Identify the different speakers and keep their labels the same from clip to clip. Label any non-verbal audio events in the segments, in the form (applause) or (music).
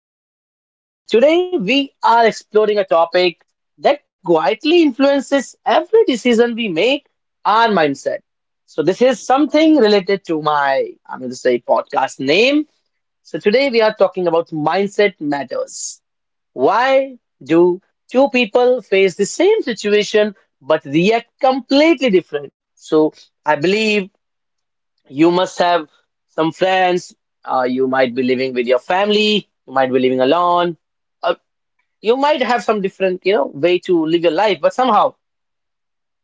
Speaker 1: host, Nikhil, and today we are exploring a topic that quietly influences every decision we make our mindset. So, this is something related to my, I'm going to say, podcast name so today we are talking about mindset matters. Why do two people face the same situation but react completely different? So I believe you must have some friends. You might be living with your family. You might be living alone. Uh, you might have some different, you know, way to live your life. But somehow,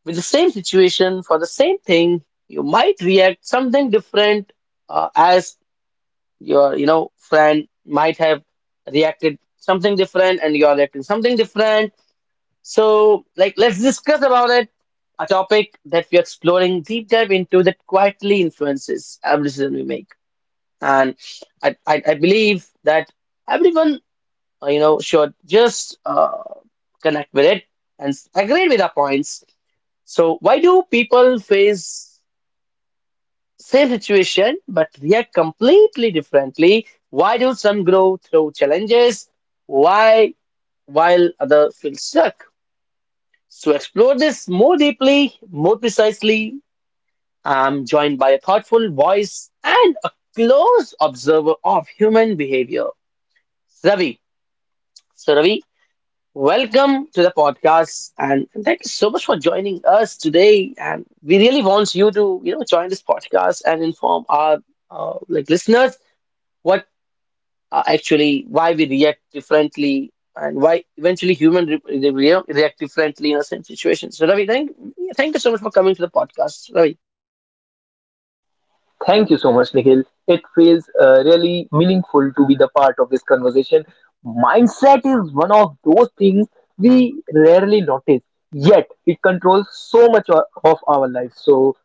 Speaker 1: with the same situation for the same thing, you might react something different as your you know friend might have reacted something different and you're reacting something different so like let's discuss about it a topic that we're exploring deep dive into that quietly influences every decision we make and I believe that everyone you know should just connect with it and agree with our points so why do people face same situation, but react completely differently. Why do some grow through challenges? Why, while others feel stuck? So explore this more deeply, more precisely. I'm joined by a thoughtful voice and a close observer of human behavior, Ravi. So, Ravi, welcome to the podcast, and thank you so much for joining us today. And we really want you to, you know, join this podcast and inform our like listeners what. Actually why we react differently and why eventually human they react differently in a certain situation. So Ravi, thank you so much for coming to the podcast, Ravi.
Speaker 2: Thank you so much, Nikhil. It feels really meaningful to be the part of this conversation. Mindset is one of those things we rarely notice, yet it controls so much of our life. So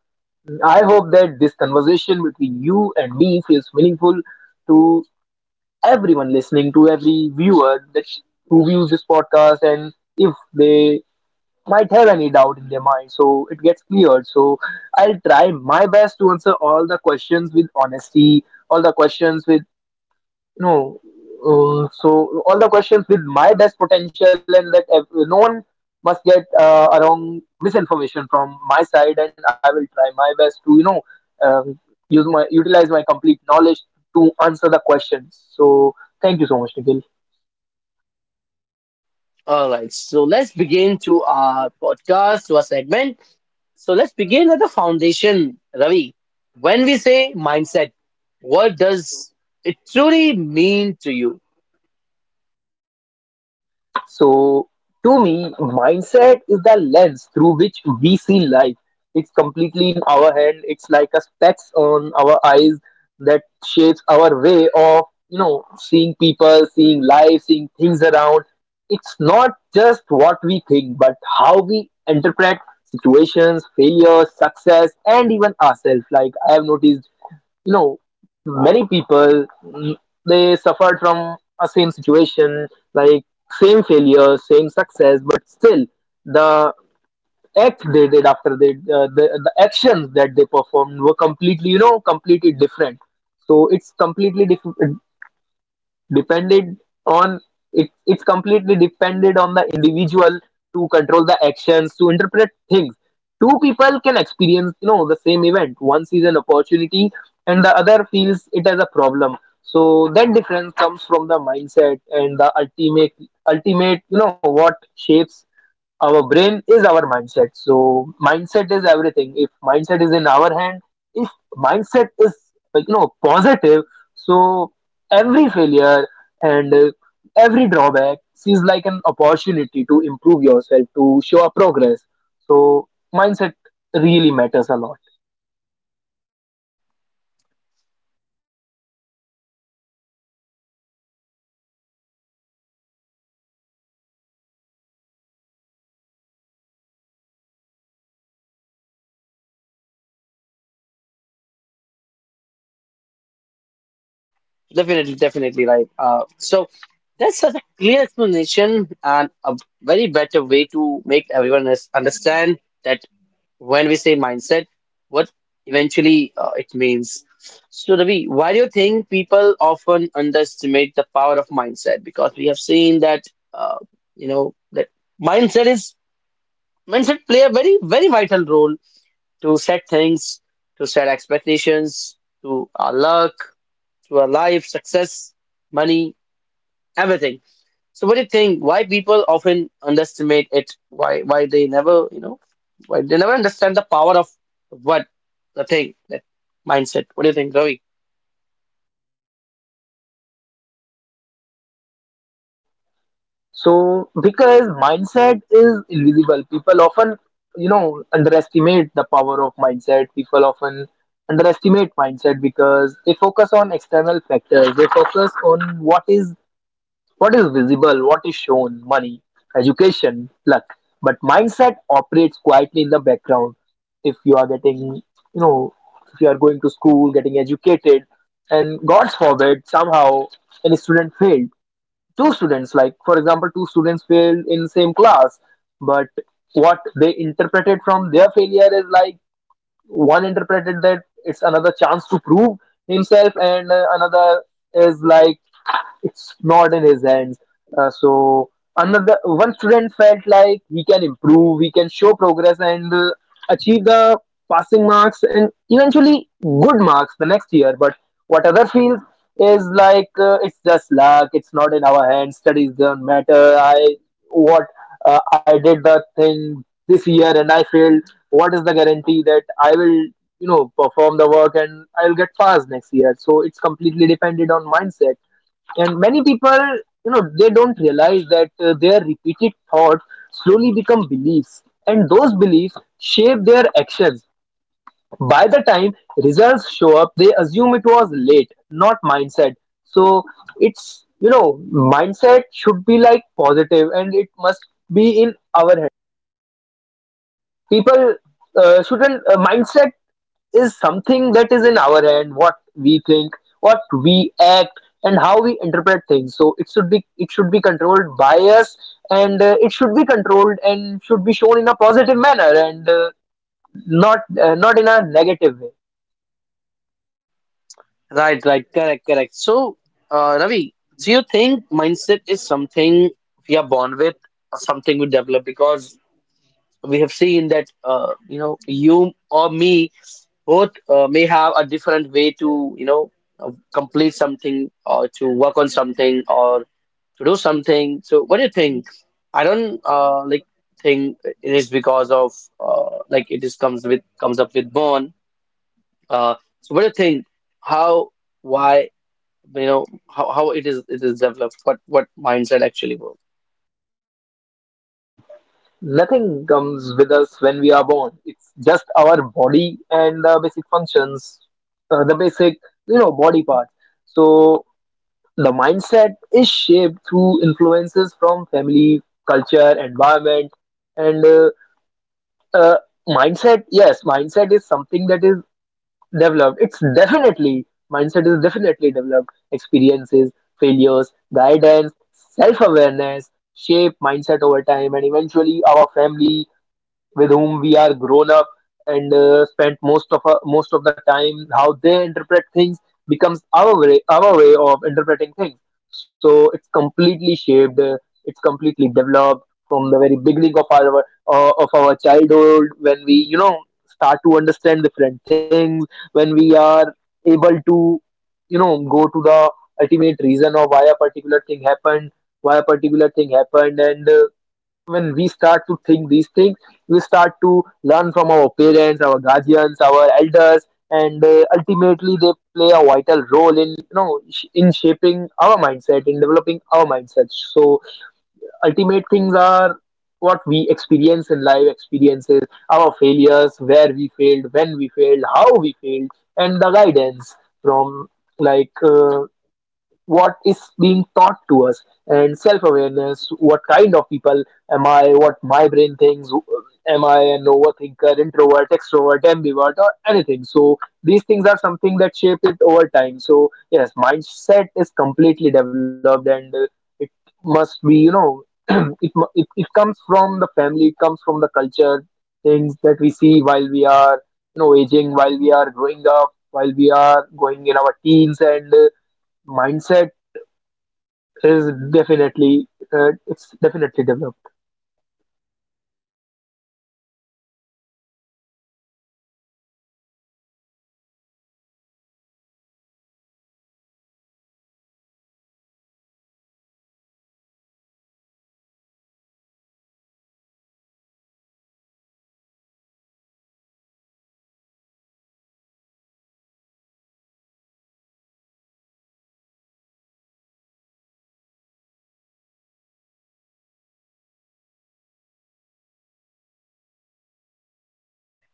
Speaker 2: I hope that this conversation between you and me feels meaningful to everyone listening, to every viewer that who views this podcast, and if they might have any doubt in their mind so it gets cleared so I'll try my best to answer all the questions with honesty, all the questions with you know so all the questions with my best potential, and that no one must get a wrong misinformation from my side. And I will try my best to um, use my utilize my complete knowledge to answer the questions. So thank you so much, Nikhil.
Speaker 1: All right, so let's begin to our podcast, to our segment. So let's begin at the foundation, Ravi. When we say mindset, what does it truly mean to you?
Speaker 2: So, to me, mindset is the lens through which we see life. It's completely in our hand. It's like a specs on our eyes that shapes our way of, you know, seeing people, seeing life, seeing things around. It's not just what we think, but how we interpret situations, failures, success, and even ourselves. Like I have noticed, you know, many people they suffered from a same situation, like same failure, same success, but still the act they did after the actions that they performed were completely you know completely different. So it's completely different depended on, it's completely depended on the individual to control the actions, to interpret things. Two people can experience, you know, the same event. One sees an opportunity and the other feels it as a problem. So that difference comes from the mindset, and the ultimate what shapes our brain is our mindset. So mindset is everything. If mindset is in our hand, if mindset is, like, you know, positive, so every failure and every drawback sees like an opportunity to improve yourself, to show a progress. So mindset really matters a lot.
Speaker 1: Definitely, definitely right. So that's such a clear explanation and a very better way to make everyone else understand that when we say mindset, what eventually it means. So, Ravi, why do you think people often underestimate the power of mindset? Because we have seen that uh, you know that mindset is mindset play a very very vital role to set things, to set expectations, to our luck to our life, success, money, everything. So what do you think? Why people often underestimate it? Why they never, you know, why they never understand the power of what the thing, that mindset. What do you think, Ravi?
Speaker 2: So, because mindset is invisible, people often, you know, underestimate the power of mindset. People often underestimate mindset because they focus on external factors. They focus on what is visible, what is shown, money, education, luck. But mindset operates quietly in the background. If you are getting, you know, if you are going to school, getting educated, and God's forbid, somehow, any student failed, two students, like, for example, two students failed in same class, but what they interpreted from their failure is like one interpreted that it's another chance to prove himself, and another is like it's not in his hands. So another one student felt like he can improve, he can show progress and achieve the passing marks and eventually good marks the next year. But what other feels is like it's just luck. It's not in our hands. Studies don't matter. What I did the thing this year and I failed. What is the guarantee that I will, you know, perform the work and I'll get passed next year? So it's completely dependent on mindset, and many people, you know, they don't realize that their repeated thoughts slowly become beliefs, and those beliefs shape their actions. By the time results show up, they assume it was late, not mindset. So it's, you know, mindset should be like positive, and it must be in our head. People uh, shouldn't uh, mindset is something that is in our hand, what we think, what we act, and how we interpret things. So it should be, it should be controlled by us, and it should be controlled and should be shown in a positive manner, and not in a negative way.
Speaker 1: Right, right, correct, correct. So, Ravi, do you think mindset is something we are born with or something we develop? Because we have seen that, you know, you or me both may have a different way to you know complete something or to work on something or to do something so what do you think I don't like think it is because of like it is comes up with born uh, so what do you think how why you know how it is developed what mindset actually works
Speaker 2: Nothing comes with us when we are born. It's just our body and the basic functions, the basic, you know, body part. So the mindset is shaped through influences from family, culture, environment, and uh, mindset is something that is developed. It's definitely mindset is definitely developed. Experiences, failures, guidance, self-awareness shape mindset over time, and eventually our family, with whom we are grown up and spent most of the time, how they interpret things becomes our way of interpreting things. So it's completely shaped, it's completely developed from the very beginning of our childhood, when we, you know, start to understand different things, when we are able to, you know, go to the ultimate reason of why a particular thing happened. And when we start to think these things, we start to learn from our parents, our guardians, our elders, and ultimately they play a vital role in, you know, in shaping our mindset, in developing our mindset. So ultimate things are what we experience in life, experiences, our failures, where we failed, when we failed, how we failed, and the guidance from, like, what is being taught to us, and self-awareness, what kind of people am I, what my brain thinks, am I an overthinker, introvert, extrovert, ambivert, or anything. So these things are something that shape it over time. So yes, mindset is completely developed, and it must be, you know, (clears throat) it it comes from the family, it comes from the culture, things that we see while we are, you know, aging, while we are growing up, while we are going in our teens, and mindset is definitely, it's definitely developed.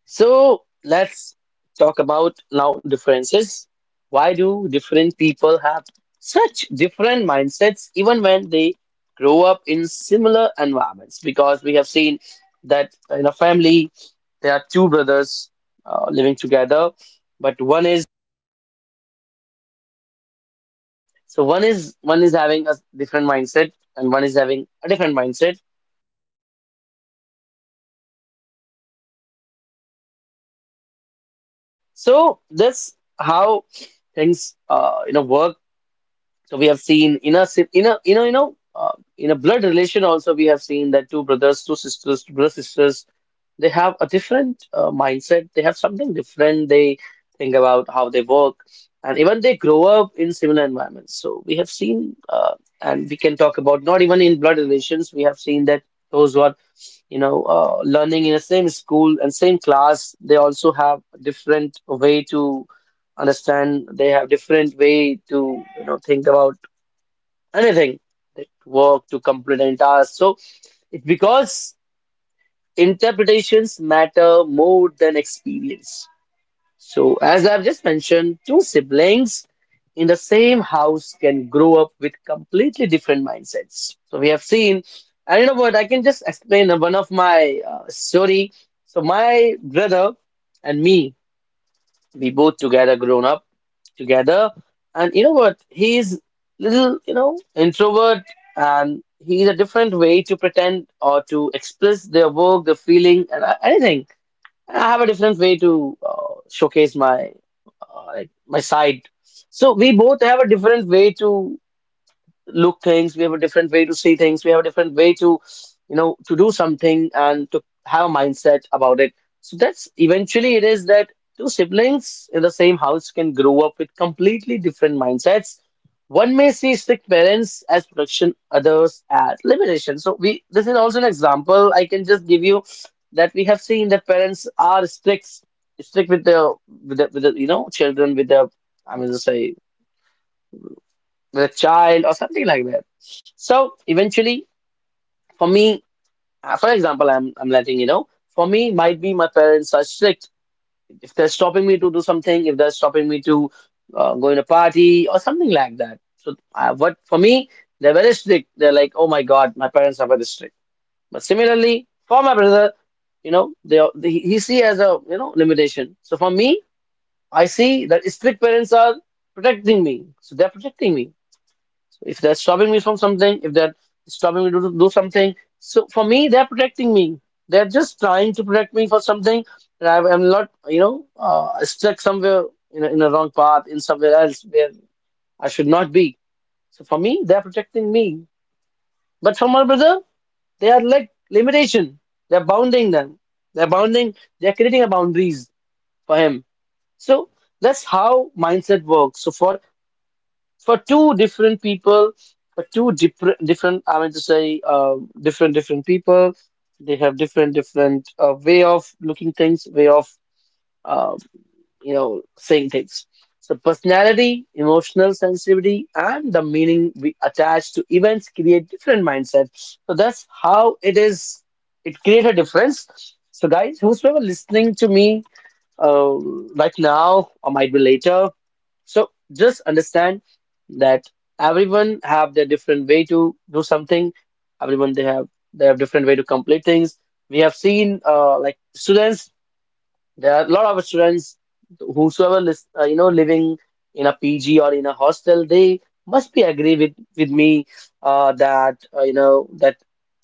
Speaker 1: So let's talk about now differences. Why do different people have such different mindsets even when they grow up in similar environments? Because we have seen that in a family there are two brothers living together, but one is so one is having a different mindset and one is having a different mindset. So that's how things you know work So we have seen in a in a you know in a blood relation also we have seen that two brothers, two sisters, two brother sisters, they have a different mindset. They have something different. They think about how they work, and even they grow up in similar environments. So we have seen, and we can talk about not even in blood relations. We have seen that those who are you know learning in the same school and same class, they also have different way to understand. They have different way to you know think about anything that work to complement us. So it's because interpretations matter more than experience. So as I've just mentioned, two siblings in the same house can grow up with completely different mindsets. So we have seen, and you know what, I can just explain one of my story. So my brother and me, we both together grown up together, and you know what? He's little, you know, introvert, and he's a different way to pretend or to express their work, their feeling, and anything. And I have a different way to showcase my like my side. So we both have a different way to look things we have a different way to see things we have a different way to you know to do something and to have a mindset about it so that's eventually it is that two siblings in the same house can grow up with completely different mindsets one may see strict parents as protection others as limitation so we this is also an example I can just give you that we have seen that parents are strict with their with the you know children with their I mean to say with a child or something like that. So eventually, for me, for example, I'm letting you know. For me, might be my parents are strict. If they're stopping me to do something, if they're stopping me to go in a party or something like that. So what for me, they're very strict. They're like, oh my God, my parents are very strict. But similarly, for my brother, you know, they he see as a you know limitation. So for me, I see that strict parents are protecting me. So they're protecting me so if they're stopping me from something, if they're stopping me to do something, so for me, they're protecting me. They're just trying to protect me for something, and I'm not, you know, stuck somewhere in a wrong path, in somewhere else where I should not be. So for me, they're protecting me. But for my brother, they are like limitation. They're bounding them. They're bounding. They're creating a boundaries for him. So that's how mindset works. So for two different people, for two different I mean to say different different people, they have different different way of looking things, way of uh, you know saying things. So personality, emotional sensitivity, and the meaning we attach to events create different mindsets. So that's how it is. It creates a difference. So guys, whosoever listening to me uh, right now or might be later. So just understand that everyone have their different way to do something. Everyone they have different way to complete things. We have seen like students there are a lot of students, whosoever is you know living in a PG or in a hostel, they must be agree with me that you know that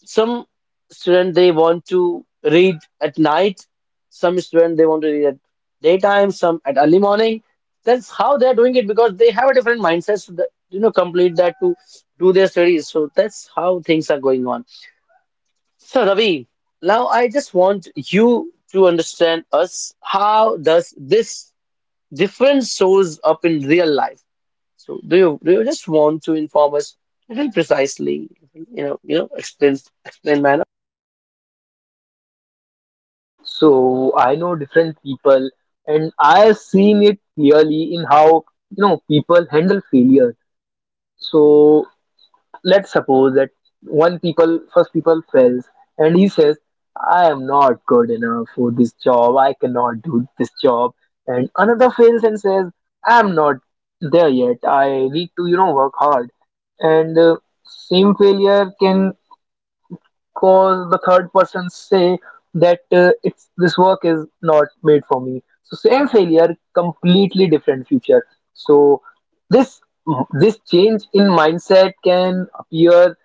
Speaker 1: some student they want to read at night, some student they want to read at daytime, some at early morning. That's how they are doing it because they have a different mindset to the, you know complete that to do their studies. So that's how things are going on. So, Ravi, now I just want you to understand us. How does this difference shows up in real life? So, do you just want to inform us little precisely? You know, explain manner.
Speaker 2: So I know different people, and I've seen it clearly in how, you know, people handle failure. So let's suppose that one people first people fails and he says, I am not good enough for this job, I cannot do this job. And another fails and says, I'm not there yet, I need to, you know, work hard. And same failure can cause the third person say that it's this work is not made for me. So same failure, completely different future. So this this change in mindset can appear,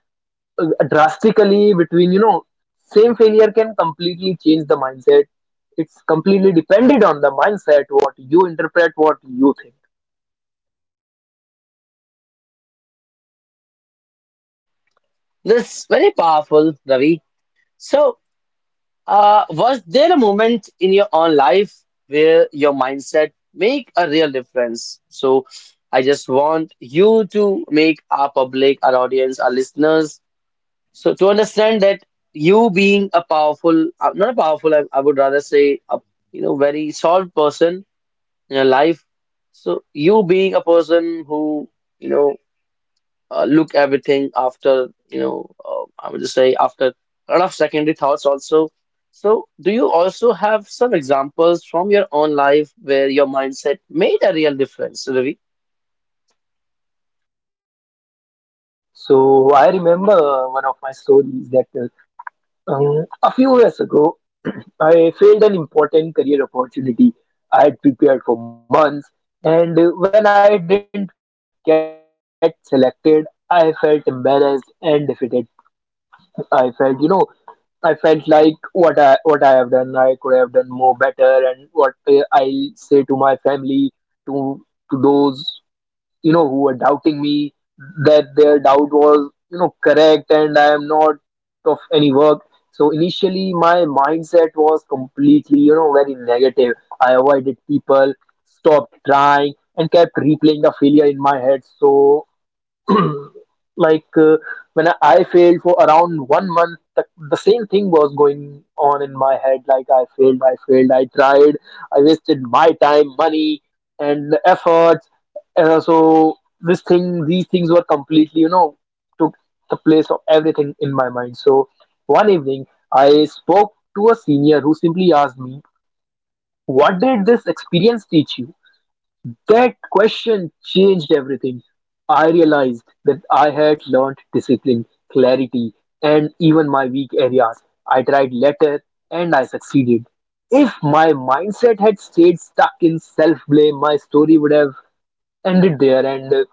Speaker 2: drastically between, you know, same failure can completely change the mindset. It's completely dependent on the mindset, what you interpret, what you think.
Speaker 1: This very powerful, Ravi. So, was there a moment in your own life where your mindset make a real difference? So, I just want you to make our public, our audience, our listeners So to understand that you being a powerful, not a powerful, I would rather say a you know very solved person in your life. So you being a person who you know look everything after you know I would just say after a lot of secondary thoughts also. So do you also have some examples from your own life where your mindset made a real difference, Ravi?
Speaker 2: So I remember, one of my stories. That a few years ago, (clears throat) I failed an important career opportunity. I had prepared for months, and when I didn't get selected, I felt embarrassed and defeated. I felt, you know, I felt like what I have done, I could have done more better, and what I'll say to my family, to those, you know, who were doubting me, that their doubt was, you know, correct, and I am not of any work. So initially my mindset was completely, you know, very negative. I avoided people, stopped trying, and kept replaying the failure in my head. So, like, when I failed for around 1 month, the same thing was going on in my head, like I failed, I failed, I tried, I wasted my time, money, and efforts. So this thing these things were completely, you know, took the place of everything in my mind. So one evening I spoke to a senior who simply asked me, what did this experience teach you? That question changed everything. I realized that I had learned discipline, clarity, and even my weak areas. I tried later and I succeeded. If my mindset had stayed stuck in self blame, my story would have ended there. And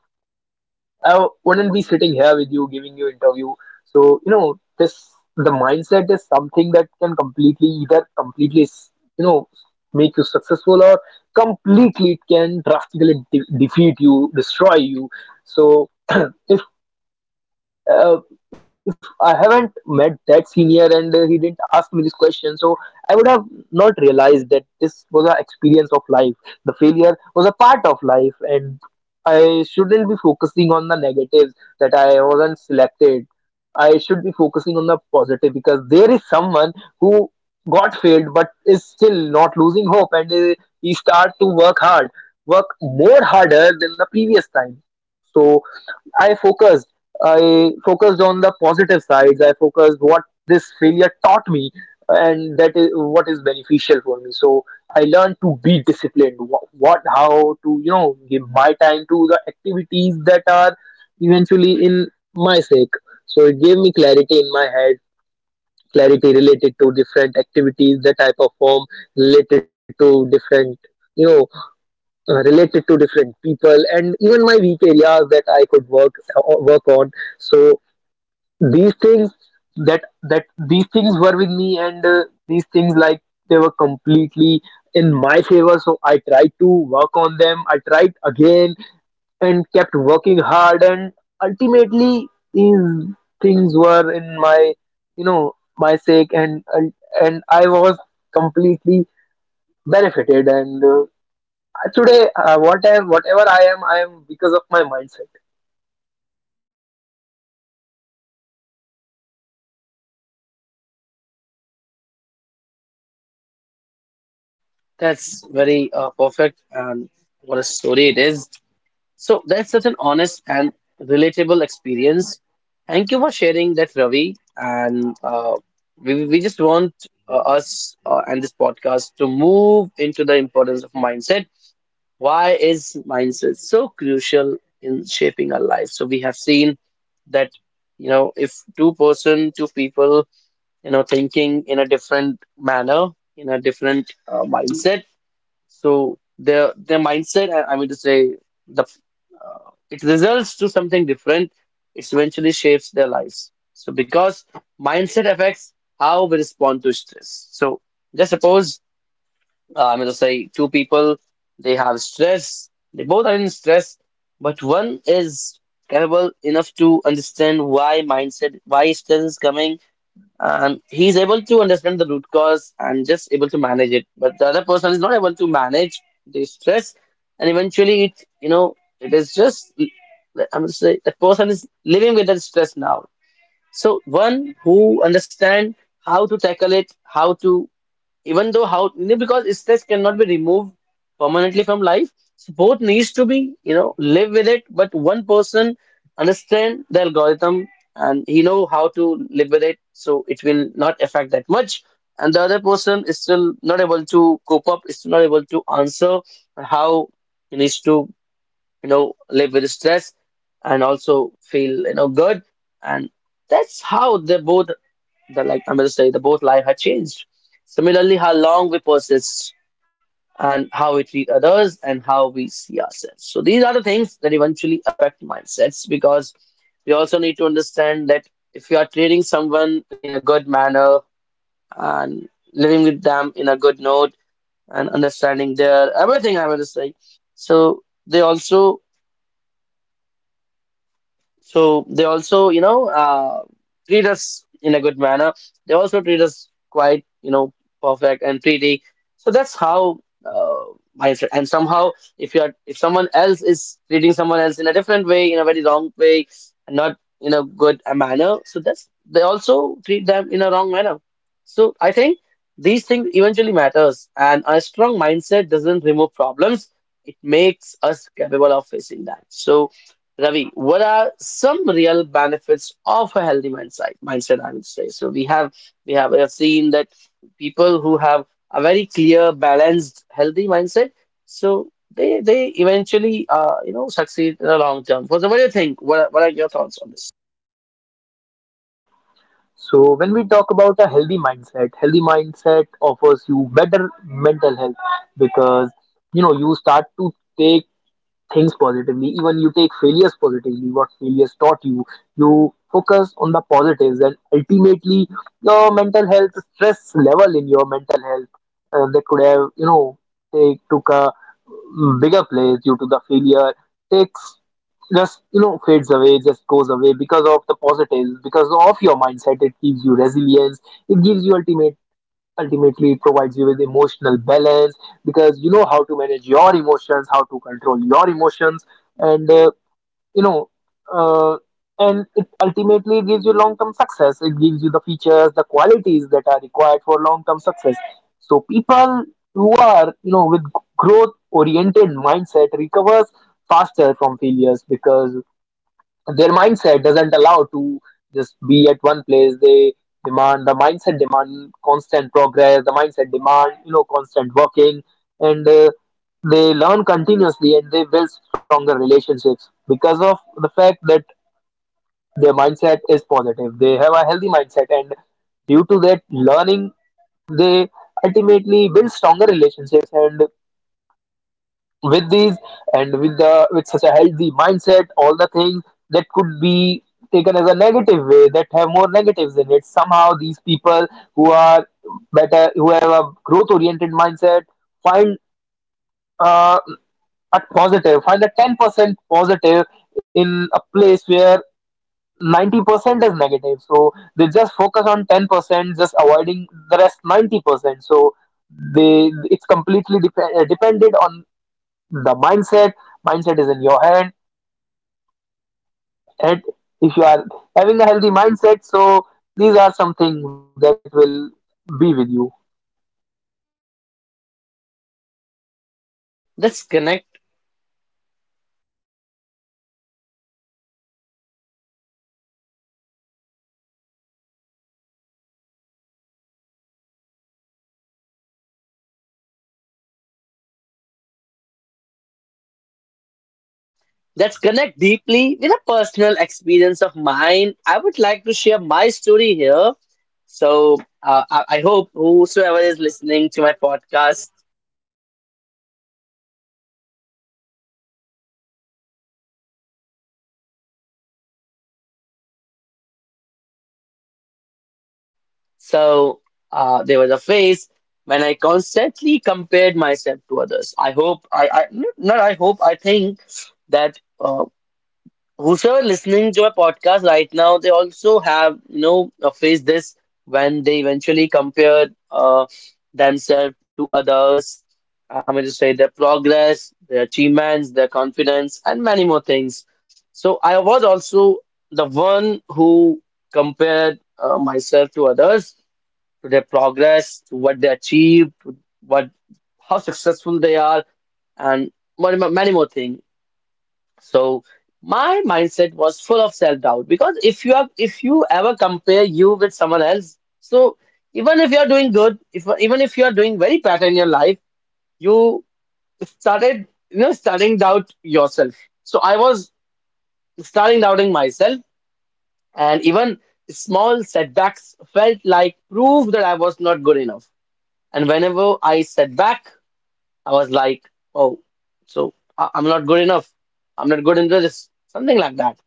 Speaker 2: I wouldn't be sitting here with you giving you interview. So, you know, this the mindset is something that can completely either completely s- you know make you successful or completely, it can drastically defeat you, destroy you. So (clears throat) if uh, I haven't met that senior, and he didn't ask me this question, so I would have not realized that this was an experience of life. The failure was a part of life, and I shouldn't be focusing on the negatives that I wasn't selected. I should be focusing on the positive, because there is someone who got failed but is still not losing hope, and he start to work hard, work more harder than the previous time. So I focused. I focused on the positive sides. I focused what this failure taught me, and that is what is beneficial for me. So I learned to be disciplined. What how to, you know, give my time to the activities that are eventually in my sake. So it gave me clarity in my head, clarity related to different activities that I perform, related to different, you know, related to different people, and even my weak areas that I could work on. So these things, that that these things were with me, and these things, like, they were completely in my favor. So I tried to work on them. I tried again and kept working hard, and ultimately these things were in my, you know, my sake, and and I was completely benefited, and today what I am, whatever I am, I am because of my mindset.
Speaker 1: That's very perfect and what a story it is. So that's such an honest and relatable experience. Thank you for sharing that, Ravi. And we just want us and this podcast to move into the importance of mindset. Why is mindset so crucial in shaping our life? So we have seen that, you know, if two people, you know, thinking in a different manner, in a different mindset so their mindset, I mean to say, the it results to something different. It eventually shapes their lives. So because mindset affects how we respond to stress. So just suppose I mean to say two people, they have stress. They both are in stress, but one is capable enough to understand why mindset, why stress is coming, and he's able to understand the root cause and just able to manage it, but the other person is not able to manage the stress, and eventually it it is just, I'm going to say, the person is living with that stress now. So one who understand how to tackle it, how to, even though, how because stress cannot be removed permanently from life, so both needs to be, you know, live with it, but one person understand the algorithm and he know how to live with it, so it will not affect that much. And the other person is still not able to cope up, is still not able to answer how he needs to, you know, live with stress, and also feel, you know, good. And that's how they both, the, like, I am will say, the both life had changed. Similarly, how long we persist, and how we treat others, and how we see ourselves. So these are the things that eventually affect mindsets, because we also need to understand that if you are treating someone in a good manner and living with them in a good note and understanding their everything, I want to say. So they also, So they also, you know, uh, treat us in a good manner. They also treat us quite, you know, perfect and pretty. So that's how uh, mindset. And somehow, if you are, if someone else is treating someone else in a different way, in a very wrong way, and not in a good manner, so that's they also treat them in a wrong manner. So I think these things eventually matters, and a strong mindset doesn't remove problems. It makes us capable of facing that. So Ravi, what are some real benefits of a healthy mindset? Mindset, I would say. So we have seen that people who have a very clear, balanced, healthy mindset, so they eventually you know succeed in the long term. So what do you think? What are your thoughts on this?
Speaker 2: So when we talk about a healthy mindset, healthy mindset offers you better mental health, because, you know, you start to take things positively, even you take failures positively, what failures taught you. You focus on the positives, and ultimately, your mental health, stress level in your mental health that could have, you know, take took a bigger place due to the failure, takes, just, you know, fades away, just goes away because of the positives, because of your mindset. It gives you resilience, it gives you ultimately, ultimately it provides you with emotional balance, because you know how to manage your emotions, how to control your emotions, and you know uh, and it ultimately gives you long term success, it gives you the features, the qualities that are required for long term success. So people who are, you know, with growth oriented mindset recovers faster from failures, because their mindset doesn't allow to just be at one place. They demand, the mindset demand constant progress, the mindset demand, you know, constant working, and they learn continuously, and they build stronger relationships, because of the fact that their mindset is positive, they have a healthy mindset, and due to that learning they ultimately build stronger relationships. And with these, and with the, with such a healthy mindset, all the things that could be taken as a negative way, that have more negatives in it, somehow these people who are better, who have a growth oriented mindset, find uh, a 10% positive in a place where 90% is negative. So they just focus on 10%, just avoiding the rest 90%. So they, it's completely dependent on the mindset. Mindset is in your hand, and if you are having a healthy mindset, so these are some things that will be with you.
Speaker 1: Let's connect. Let's connect deeply with a personal experience of mine. I would like to share my story here. So I hope whosoever is listening to my podcast. So there was a phase when I constantly compared myself to others. I hope I not I hope, I think that whosoever listening to my podcast right now, they also have, you know, faced this when they eventually compare themselves to others. I'm going to say their progress, their achievements, their confidence, and many more things. So I was also the one who compared myself to others, to their progress, to what they achieved, to what, how successful they are, and many more things. So my mindset was full of self-doubt, because if you ever compare you with someone else, so even if you are doing good, if even if you are doing very better in your life, you started starting doubt yourself. So I was starting doubting myself, and even small setbacks felt like proof that I was not good enough. And whenever I sat back, I was like, oh, so I'm not good enough. I'm not good into this, something like that.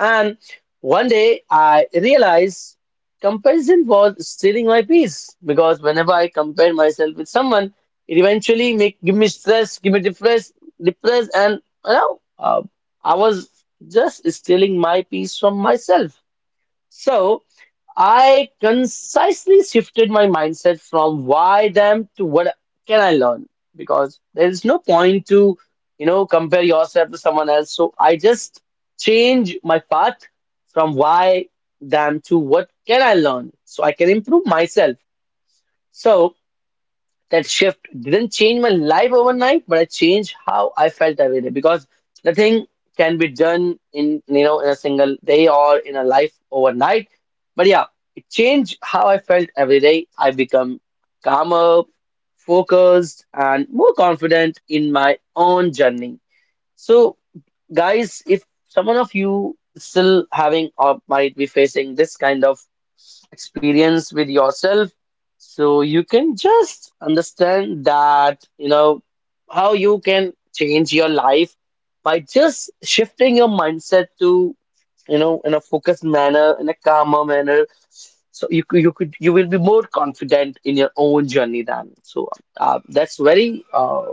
Speaker 1: And one day I realized comparison was stealing my peace, because whenever I compare myself with someone, it eventually make give me stress, give me depressed, depressed, and I was just stealing my peace from myself. So I concisely shifted my mindset from why them to what can I learn, because there is no point to, you know, compare yourself to someone else. So I just change my path from why them to what can I learn so I can improve myself. So that shift didn't change my life overnight, but I changed how I felt every day, because nothing can be done in, you know, in a single day or in a life overnight. But yeah, it changed how I felt every day. I become calmer, focused, and more confident in my own journey. So guys, if someone of you still having or might be facing this kind of experience with yourself, so you can just understand that, you know, how you can change your life by just shifting your mindset to, you know, in a focused manner, in a calmer manner, so you could you will be more confident in your own journey then. So that's very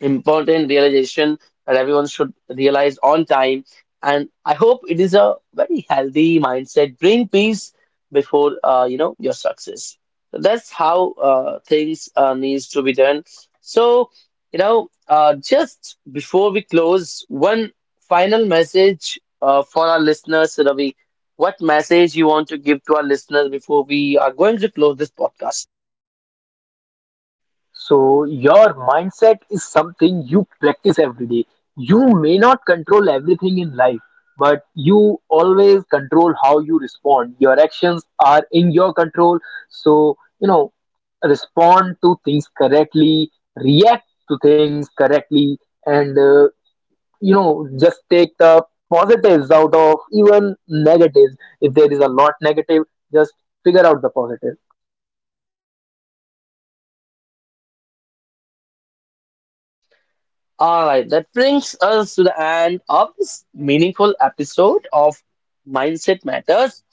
Speaker 1: important realization that everyone should realize on time. And I hope it is a very healthy mindset. Bring peace before you know your success. So that's how things needs to be done. So just before we close, one final message for our listeners, Ravi. What message you want to give to our listeners before we are going to close this podcast?
Speaker 2: So your mindset is something you practice every day. You may not control everything in life, but you always control how you respond. Your actions are in your control. So, you know, respond to things correctly, react to things correctly, and you know, just take the positives out of even negatives. If there is a lot negative, just figure out the positive.
Speaker 1: All right, that brings us to the end of this meaningful episode of Mindset Matters.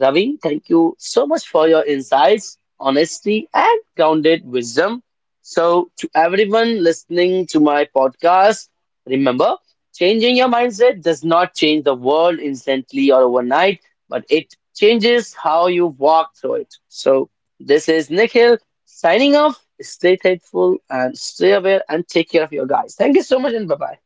Speaker 1: Ravi, thank you so much for your insights, honesty, and grounded wisdom. So, to everyone listening to my podcast, remember, changing your mindset does not change the world instantly or overnight, but it changes how you walk through it. So, this is Nikhil signing off. Stay faithful and stay aware and take care of your guys. Thank you so much and bye bye.